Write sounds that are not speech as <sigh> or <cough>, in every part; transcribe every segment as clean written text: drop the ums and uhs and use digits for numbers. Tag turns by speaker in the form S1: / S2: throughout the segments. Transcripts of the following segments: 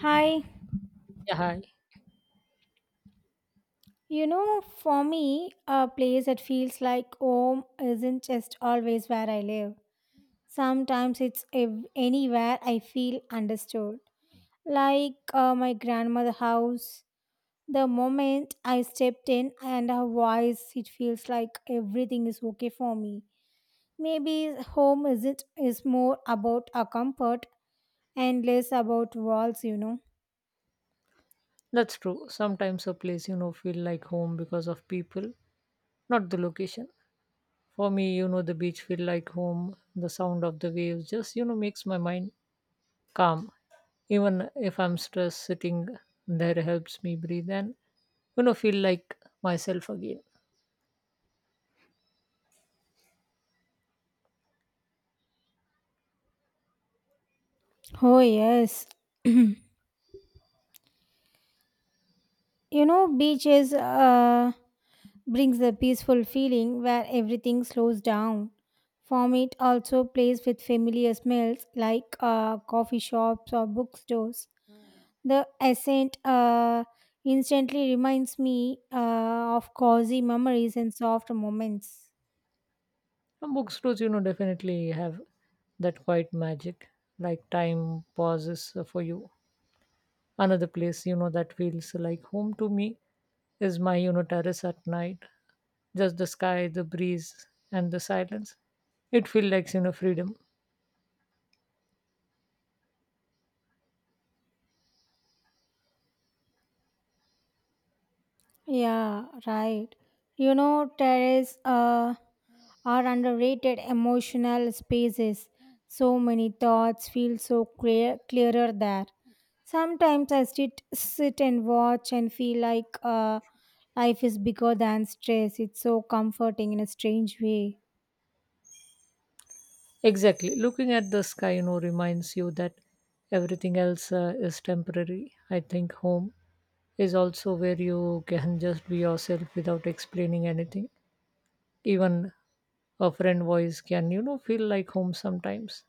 S1: Hi.
S2: Yeah, hi.
S1: You know, for me, a place that feels like home isn't just always where I live. Sometimes anywhere I feel understood. Like my grandmother's house. The moment I stepped in and her voice, it feels like everything is okay for me. Maybe home isn't is more about a comfort and less about walls, you know.
S2: That's true. Sometimes a place, feel like home because of people, not the location. For me, the beach feel like home. The sound of the waves just, makes my mind calm. Even if I'm stressed, sitting there helps me breathe and, feel like myself again.
S1: Oh yes. <clears throat> You know, beaches brings a peaceful feeling where everything slows down. Vomit also plays with familiar smells like coffee shops or bookstores. The scent instantly reminds me of cozy memories and soft moments.
S2: And bookstores, definitely have that quiet magic, like time pauses for you. Another place that feels like home to me is my terrace at night, just the sky, the breeze, and the silence. It feels like freedom.
S1: Yeah, right. You know, terraces are underrated emotional spaces. So many thoughts feel so clearer there. Sometimes I sit and watch and feel like life is bigger than stress. It's so comforting in a strange way.
S2: Exactly. Looking at the sky reminds you that everything else is temporary. I think home is also where you can <laughs> just be yourself without explaining anything. Even a friend voice can feel like home sometimes.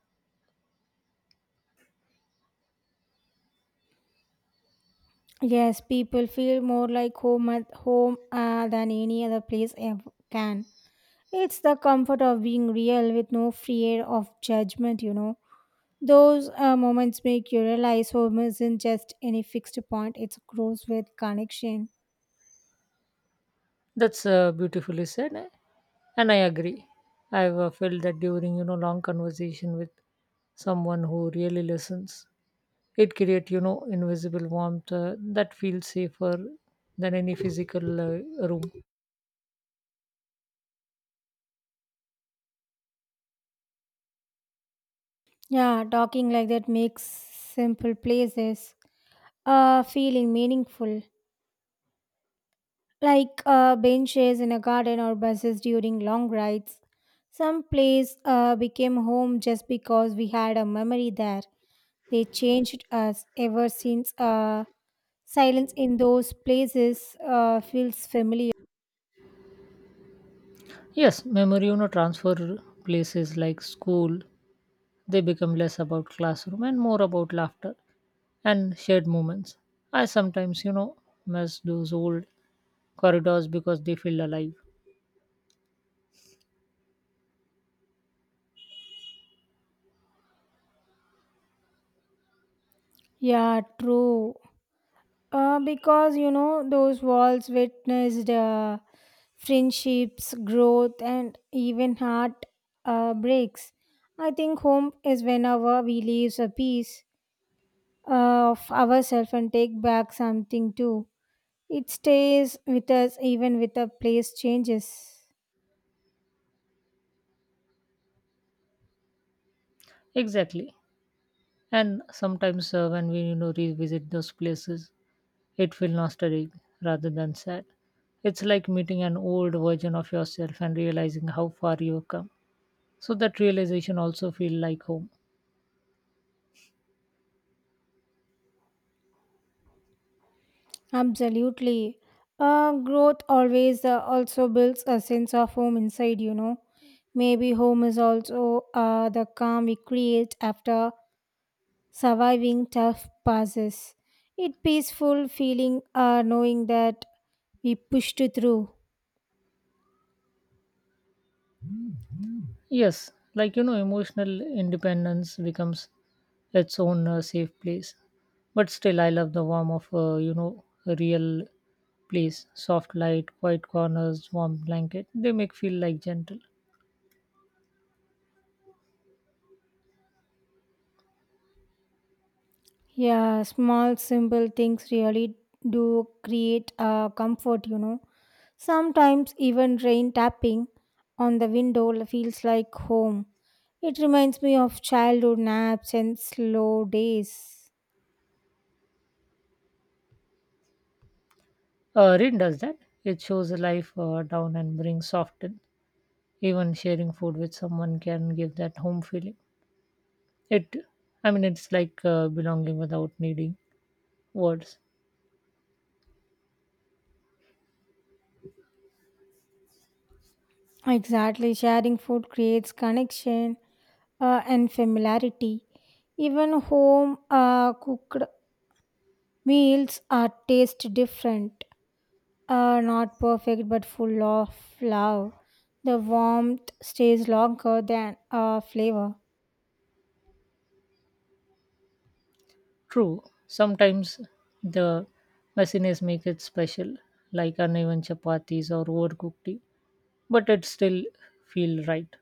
S1: Yes, people feel more like home at home than any other place ever can. It's the comfort of being real with no fear of judgment. You know, those moments make you realize home isn't just any fixed point. It grows with connection.
S2: That's beautifully said, and I agree. I've felt that during long conversation with someone who really listens. It creates invisible warmth that feels safer than any physical room.
S1: Yeah, talking like that makes simple places feeling meaningful, like benches in a garden or buses during long rides. Some place became home just because we had a memory there. They changed us ever since. Silence in those places feels familiar.
S2: Yes, memory transfer places like school. They become less about classroom and more about laughter and shared moments. I sometimes miss those old corridors because they feel alive.
S1: Yeah, true. Because you know those walls witnessed friendships, growth, and even heart breaks. I think home is whenever we leave a piece of ourselves and take back something too. It stays with us even with the place changes.
S2: Exactly. And sometimes when we revisit those places, it feels nostalgic rather than sad. It's like meeting an old version of yourself and realizing how far you've come. So that realization also feel like home.
S1: Absolutely. Growth always also builds a sense of home inside, you know. Maybe home is also the calm we create after surviving tough passes. It peaceful feeling knowing that we pushed through.
S2: Yes, like emotional independence becomes its own safe place. But still, I love the warmth of a real place, soft light, quiet corners, warm blanket. They make feel like gentle.
S1: Yeah, small simple things really do create comfort, you know. Sometimes even rain tapping on the window feels like home. It reminds me of childhood naps and slow days.
S2: Rin does that. It shows life down and brings soft in. Even sharing food with someone can give that home feeling. It, I mean, it's like belonging without needing words.
S1: Exactly, sharing food creates connection and familiarity. Even home cooked meals are taste different, not perfect but full of love. The warmth stays longer than flavor.
S2: True. Sometimes the messiness make it special, like uneven chapatis or overcooked tea, but it still feel right.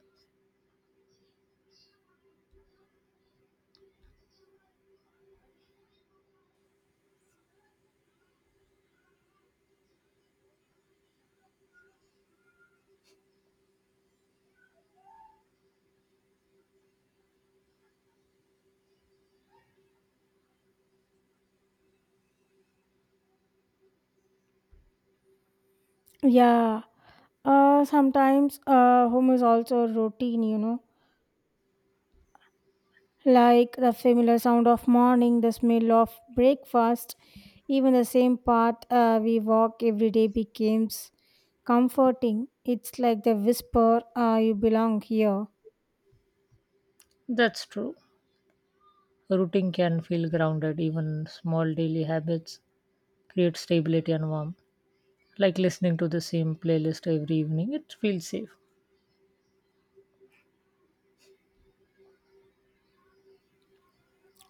S1: Yeah. Sometimes home is also routine, you know, like the familiar sound of morning, the smell of breakfast, even the same path we walk every day becomes comforting. It's like the whisper, you belong here.
S2: That's true. Routine can feel grounded. Even small daily habits create stability and warmth, like listening to the same playlist every evening. It feels safe.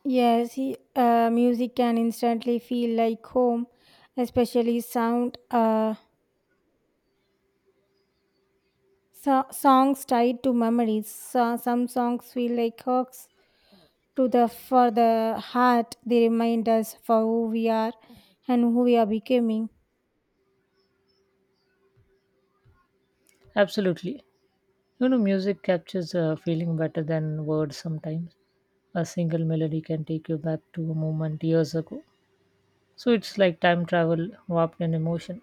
S1: Yes, music can instantly feel like home, especially sound, songs tied to memories. So, some songs feel like hooks to the for the heart. They remind us for who we are and who we are becoming.
S2: Absolutely. Music captures a feeling better than words sometimes. A single melody can take you back to a moment years ago. So it's like time travel warped in emotion.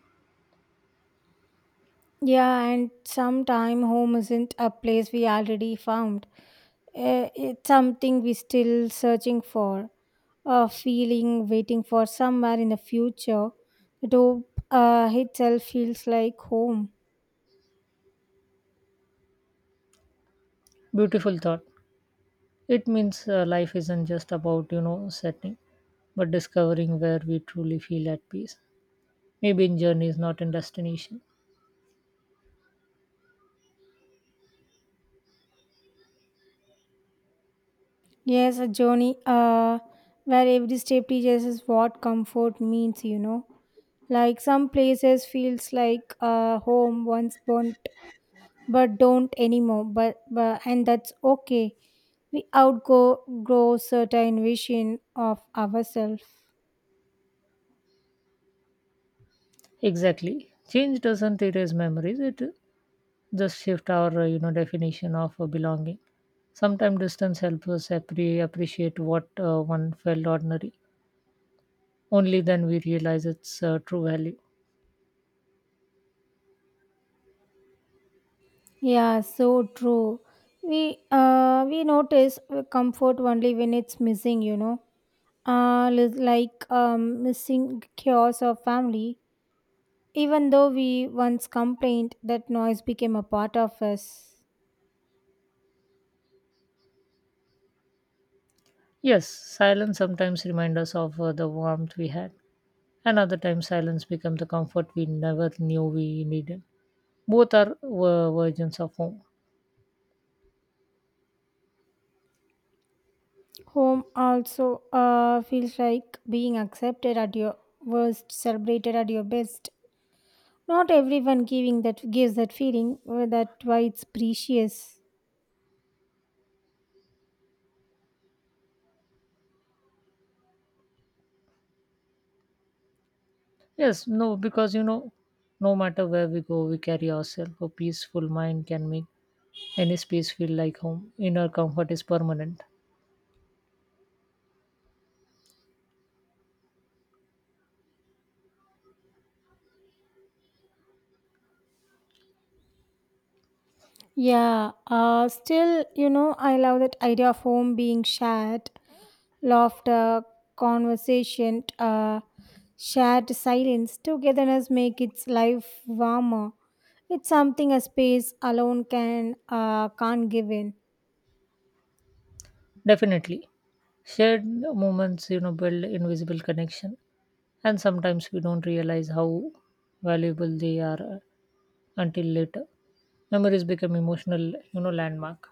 S1: Yeah, and sometime home isn't a place we already found. It's something we still searching for, a feeling waiting for somewhere in the future. That hope itself feels like home.
S2: Beautiful thought. It means life isn't just about, setting, but discovering where we truly feel at peace. Maybe in journeys, not in destination.
S1: Yes, a journey uh, where every step teaches us what comfort means, you know. Like some places feels like home once burnt but don't anymore, but and that's okay. We outgo grow certain vision of ourselves.
S2: Exactly. Change doesn't erase memories, it just shift our definition of belonging. Sometimes distance helps us appreciate what one felt ordinary. Only then we realize its true value.
S1: Yeah, so true. We notice comfort only when it's missing, you know. Like missing chaos or family. Even though we once complained that noise became a part of us.
S2: Yes, silence sometimes reminds us of the warmth we had, and other times silence becomes the comfort we never knew we needed. Both are versions of home.
S1: Home also feels like being accepted at your worst, celebrated at your best. Not everyone giving that gives that feeling. That why it's precious.
S2: Yes, no, because no matter where we go we carry ourselves. A peaceful mind can make any space feel like home. Inner comfort is permanent.
S1: Yeah. Still, you know, I love that idea of home being shared, laughter, conversation, shared silence. Togetherness make its life warmer. It's something a space alone can't give in.
S2: Definitely. Shared moments, build invisible connection, and sometimes we don't realize how valuable they are until later. Memories become emotional, landmark.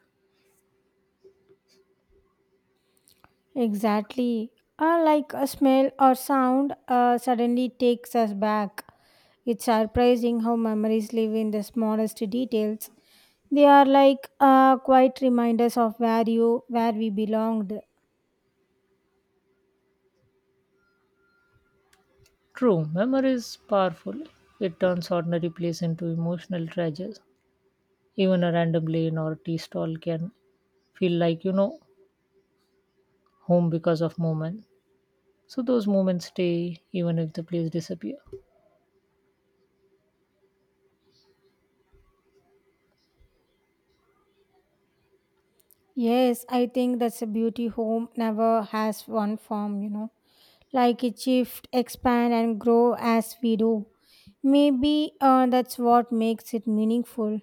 S1: Exactly. Like a smell or sound suddenly takes us back. It's surprising how memories live in the smallest details. They are like quiet reminders of where we belonged.
S2: True, memory is powerful. It turns ordinary place into emotional treasures. Even a random lane or tea stall can feel like, home because of moment. So those moments stay even if the place disappear.
S1: Yes, I think that's a beauty. Home never has one form, you know. Like it shift, expand and grow as we do. Maybe that's what makes it meaningful.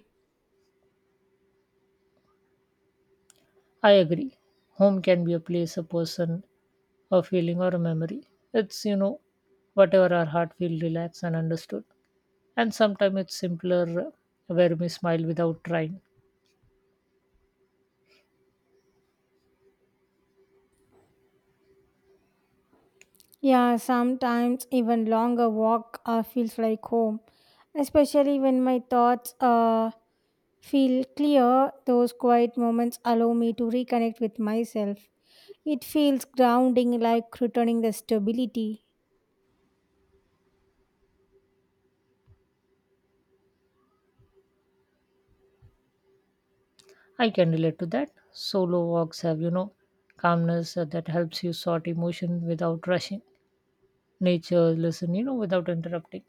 S2: I agree. Home can be a place, a person, a feeling, or a memory. It's whatever our heart feels relaxed and understood. And sometimes it's simpler where we smile without trying.
S1: Yeah, sometimes even longer walk feels like home, especially when my thoughts feel clear. Those quiet moments allow me to reconnect with myself. It feels grounding, like returning the stability.
S2: I can relate to that. Solo walks have, calmness that helps you sort emotion without rushing. Nature, listen, without interrupting.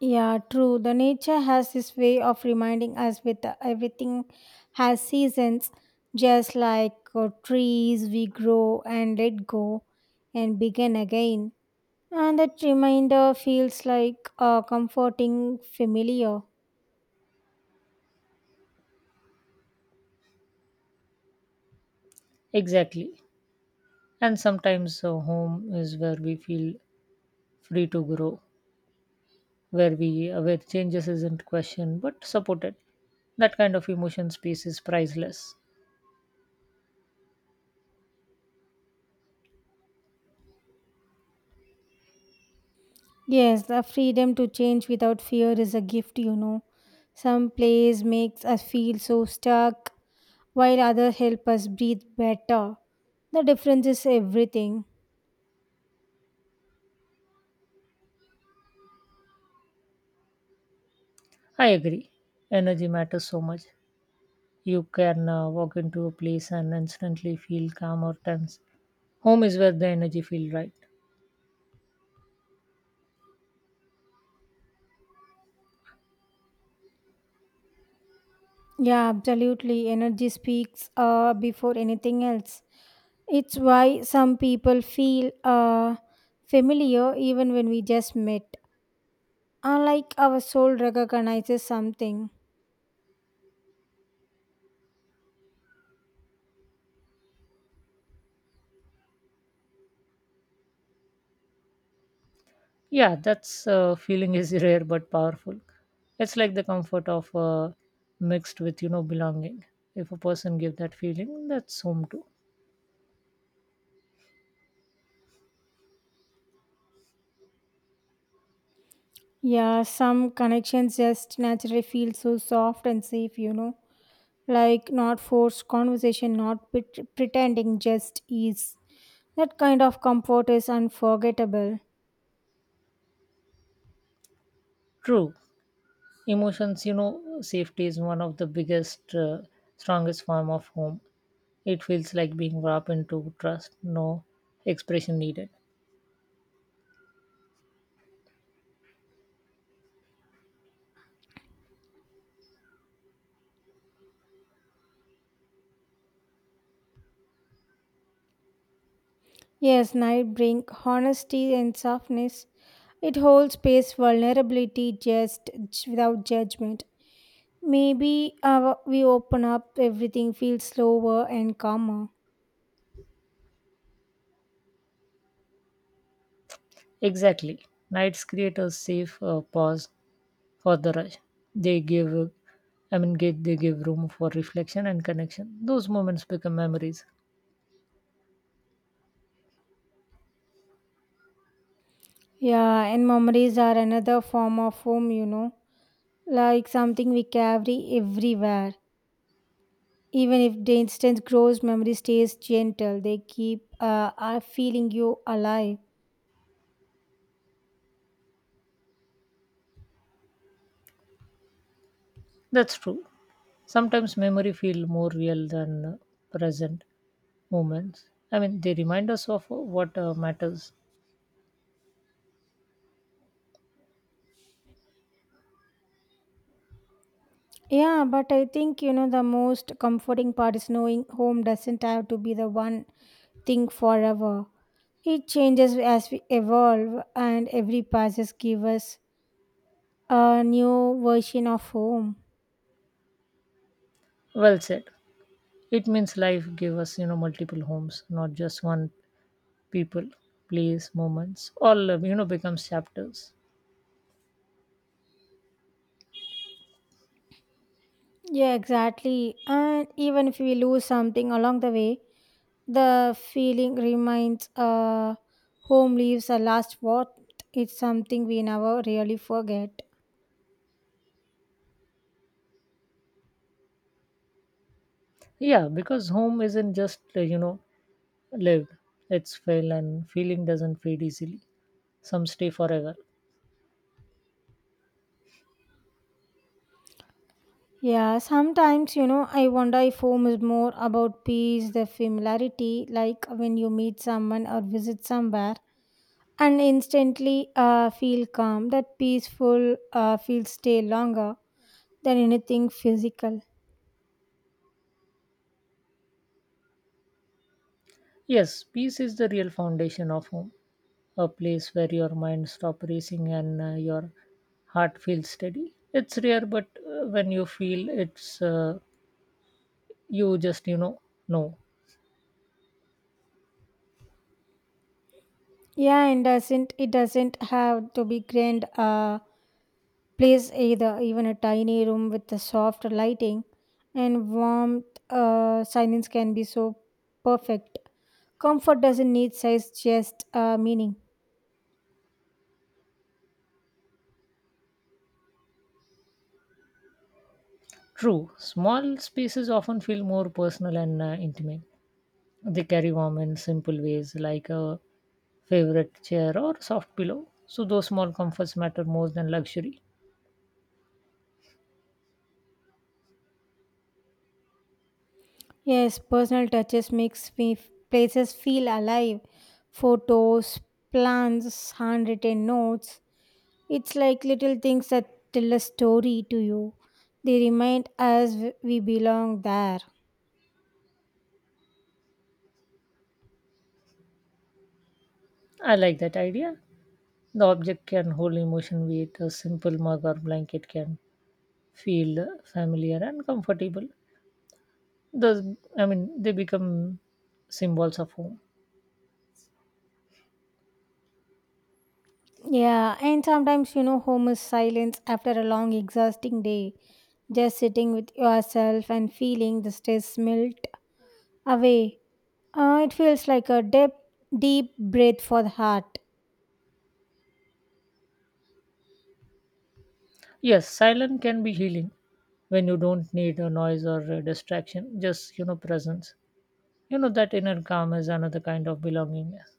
S1: Yeah, true. The nature has this way of reminding us with everything has seasons, just like trees, we grow and let go and begin again. And that reminder feels like a comforting familiar.
S2: Exactly. And sometimes home is where we feel free to grow, where changes isn't questioned but supported. That kind of emotion space is priceless.
S1: Yes, the freedom to change without fear is a gift, you know. Some plays makes us feel so stuck, while others help us breathe better. The difference is everything.
S2: I agree. Energy matters so much. You can walk into a place and instantly feel calm or tense. Home is where the energy feels right.
S1: Yeah, absolutely. Energy speaks before anything else. It's why some people feel familiar even when we just met. Unlike our soul recognizes something.
S2: Yeah, that's feeling is <laughs> rare but powerful. It's like the comfort of mixed with belonging. If a person gives that feeling, that's home too.
S1: Yeah, some connections just naturally feel so soft and safe, you know, like not forced conversation, not pret- pretending, just ease. That kind of comfort is unforgettable.
S2: True. Emotions, safety is one of the biggest, strongest form of home. It feels like being wrapped into trust, no expression needed.
S1: Yes, night bring honesty and softness. It holds space vulnerability without judgment. Maybe our, we open up, everything feels slower and calmer.
S2: Exactly. Nights create a safe pause for the rush. They give, uh, I mean, they give room for reflection and connection. Those moments become memories.
S1: Yeah, and memories are another form of home, you know, like something we carry everywhere. Even if the instant grows, memory stays gentle. They keep are feeling you alive.
S2: That's true. Sometimes memory feel more real than present moments. I mean, they remind us of what matters.
S1: Yeah, but I think you know the most comforting part is knowing home doesn't have to be the one thing forever. It changes as we evolve, and every passes give us a new version of home.
S2: Well said. It means life gave us, multiple homes, not just one. People, place, moments, all becomes chapters.
S1: Yeah, exactly. And even if we lose something along the way, the feeling reminds home leaves a last what. It's something we never really forget.
S2: Yeah, because home isn't just lived; it's felt, and feeling doesn't fade easily. Some stay forever.
S1: Yeah, sometimes, you know, I wonder if home is more about peace, the familiarity, like when you meet someone or visit somewhere and instantly feel calm. That peaceful feels stay longer than anything physical.
S2: Yes, peace is the real foundation of home, a place where your mind stops racing and your heart feels steady. It's rare, but when you feel it's, you just know.
S1: Yeah, and doesn't it doesn't have to be grand place either. Even a tiny room with the soft lighting and warmth silence can be so perfect. Comfort doesn't need size, just meaning.
S2: True, small spaces often feel more personal and intimate. They carry warm in simple ways like a favorite chair or soft pillow. So those small comforts matter more than luxury.
S1: Yes, personal touches makes me places feel alive. Photos, plans, handwritten notes. It's like little things that tell a story to you. They remind us we belong there.
S2: I like that idea. The object can hold emotion weight. A simple mug or blanket can feel familiar and comfortable. Thus, I mean, they become symbols of home.
S1: Yeah, and sometimes, you know, home is silence after a long, exhausting day. Just sitting with yourself and feeling the stress melt away. It feels like a deep, deep breath for the heart.
S2: Yes, silence can be healing when you don't need a noise or a distraction. Just presence. You know that inner calm is another kind of belongingness.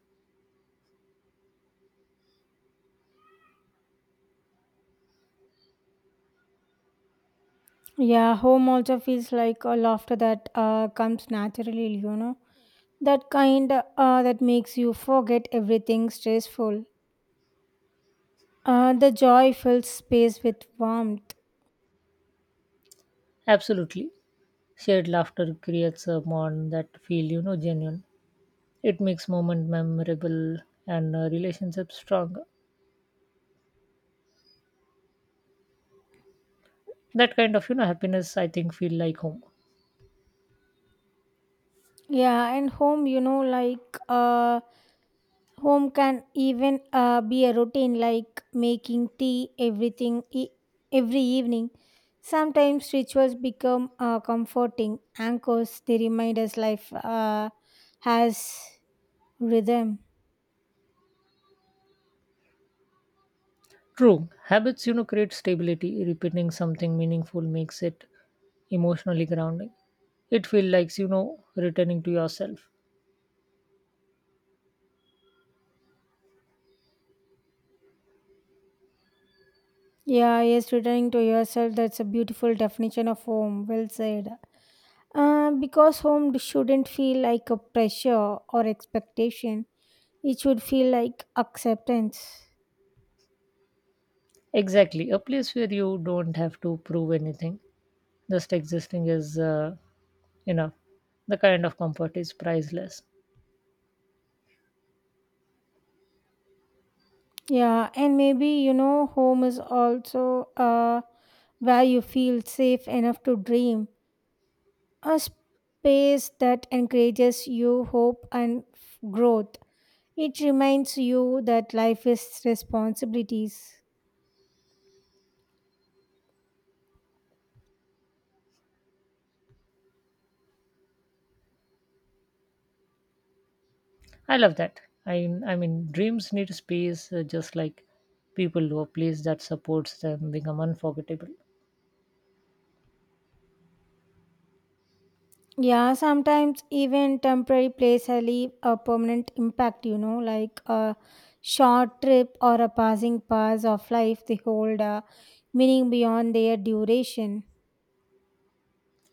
S1: Yeah, home also feels like a laughter that comes naturally, you know. That kind that makes you forget everything stressful. The joy fills space with warmth.
S2: Absolutely. Shared laughter creates a bond that feel, genuine. It makes moment memorable and relationships stronger. That kind of, happiness I think feel like home.
S1: Yeah, and home, you know, home can even be a routine like making tea every evening. Sometimes rituals become comforting anchors. They remind us life has rhythm.
S2: True. Habits, create stability. Repeating something meaningful makes it emotionally grounding. It feels like, returning to yourself.
S1: Yeah, yes, returning to yourself. That's a beautiful definition of home. Well said. Because home shouldn't feel like a pressure or expectation. It should feel like acceptance.
S2: Exactly. A place where you don't have to prove anything. Just existing is enough. The kind of comfort is priceless.
S1: Yeah, and maybe you know, home is also where you feel safe enough to dream, a space that encourages you hope and growth. It reminds you that life is responsibilities.
S2: I love that. I I mean, dreams need space, just like people do. A place that supports them become unforgettable.
S1: Yeah, sometimes even temporary places leave a permanent impact, you know, like a short trip or a passing pass of life. They hold a meaning beyond their duration.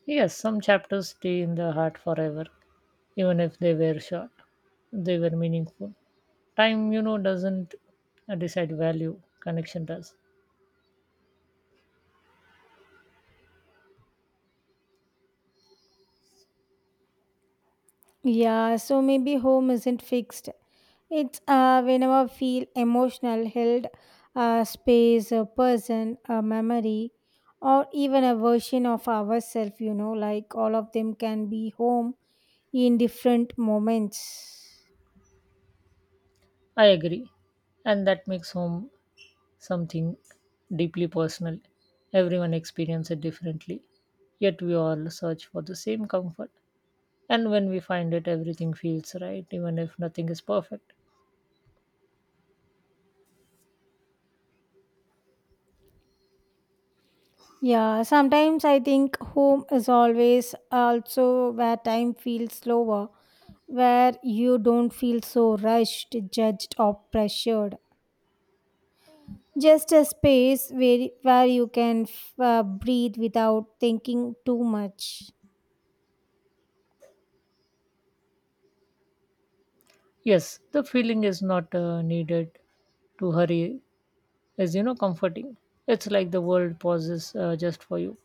S2: Yes, some chapters stay in the heart forever, even if they were short. They were meaningful. Time, doesn't decide value. Connection does.
S1: Yeah, so maybe home isn't fixed. It's whenever I feel emotional, held space, a person, a memory, or even a version of ourselves, you know, like all of them can be home in different moments.
S2: I agree, and that makes home something deeply personal. Everyone experiences it differently, yet we all search for the same comfort. And when we find it, everything feels right, even if nothing is perfect.
S1: Yeah, sometimes I think home is always also where time feels slower, where you don't feel so rushed, judged, or pressured. Just a space where you can breathe without thinking too much.
S2: Yes, the feeling is not needed to hurry, is comforting. It's like the world pauses just for you.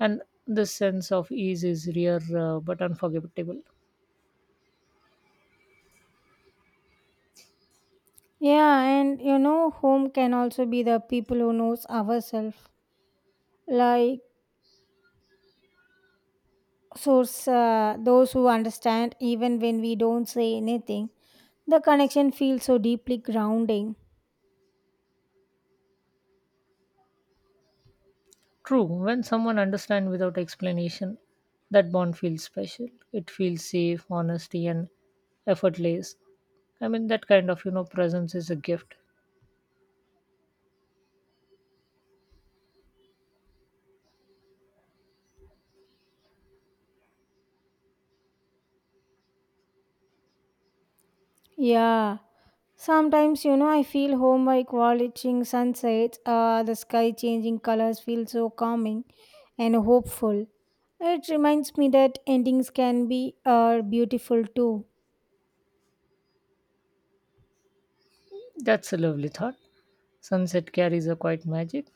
S2: And this sense of ease is rare but unforgettable.
S1: Yeah, and you know, home can also be the people who knows ourselves, like source those who understand even when we don't say anything. The connection feels so deeply grounding.
S2: True, when someone understands without explanation, that bond feels special. It feels safe, honesty, and effortless. I mean, that kind of presence is a gift.
S1: Yeah, sometimes, you know, I feel home by watching sunsets, the sky changing colors feels so calming and hopeful. It reminds me that endings can be beautiful too.
S2: That's a lovely thought. Sunset carries a quiet magic,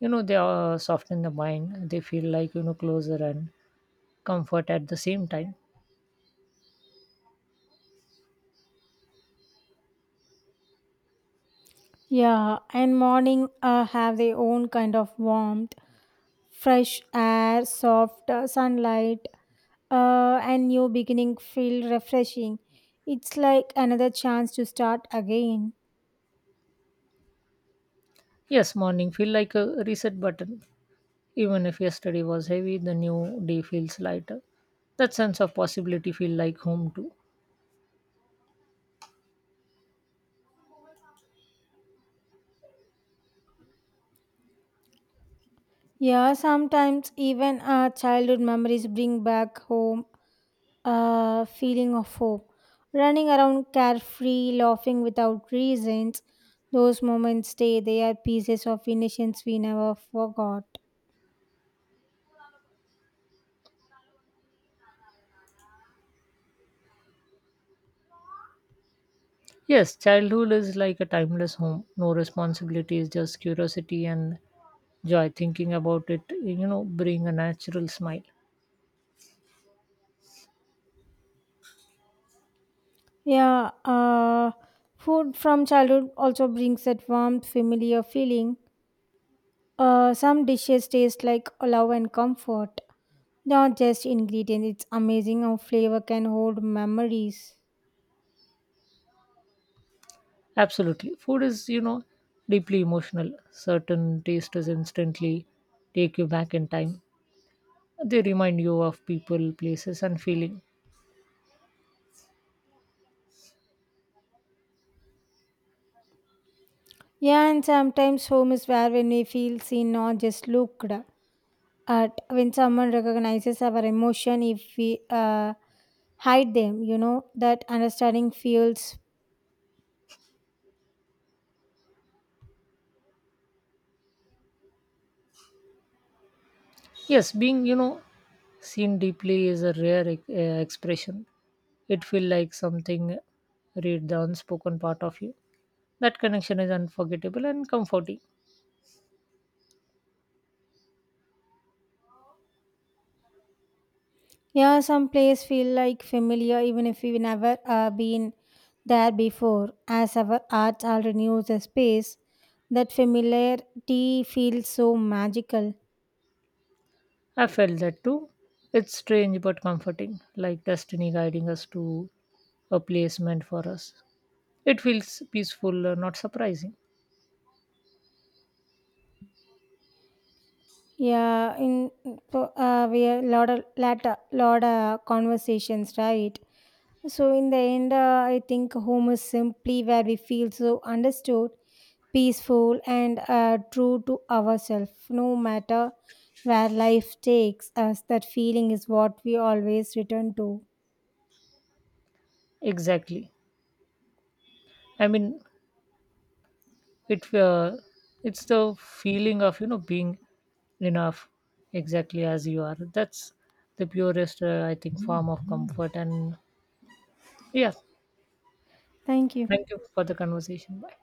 S2: they are soften the mind. They feel like closer and comfort at the same time.
S1: Yeah, and morning have their own kind of warmth, fresh air, soft sunlight, and new beginning feel refreshing. It's like another chance to start again.
S2: Yes, morning feel like a reset button. Even if yesterday was heavy, the new day feels lighter. That sense of possibility feel like home too.
S1: Yeah, sometimes even our childhood memories bring back home a feeling of hope. Running around carefree, laughing without reasons, those moments stay. They are pieces of innocence we never forgot.
S2: Yes, childhood is like a timeless home. No responsibilities, just curiosity and joy. Thinking about it bring a natural smile.
S1: Yeah, food from childhood also brings that warmth, familiar feeling. Some dishes taste like love and comfort, not just ingredients. It's amazing how flavor can hold memories.
S2: Absolutely, food is deeply emotional. Certain taste is instantly take you back in time. They remind you of people, places, and feeling.
S1: Yeah, and sometimes home is where when we feel seen, not just looked. Art, when someone recognizes our emotion, if we hide them, you know, that understanding feels.
S2: Yes, being seen deeply is a rare expression. It feel like something read the unspoken part of you. That connection is unforgettable and comforting.
S1: Yeah, some place feel like familiar even if we've never been there before, as our art already knows the space. That familiarity feels so magical.
S2: I felt that too. It's strange but comforting, like destiny guiding us to a place meant for us. It feels peaceful, not surprising.
S1: Yeah, in so, we have lot of conversations, right? So in the end, I think home is simply where we feel so understood, peaceful and true to ourselves, no matter where life takes us. That feeling is what we always return to.
S2: Exactly. I mean, it uh, it's the feeling of being enough exactly as you are. That's the purest, I think, form of comfort. And yeah.
S1: Thank you.
S2: Thank you for the conversation. Bye.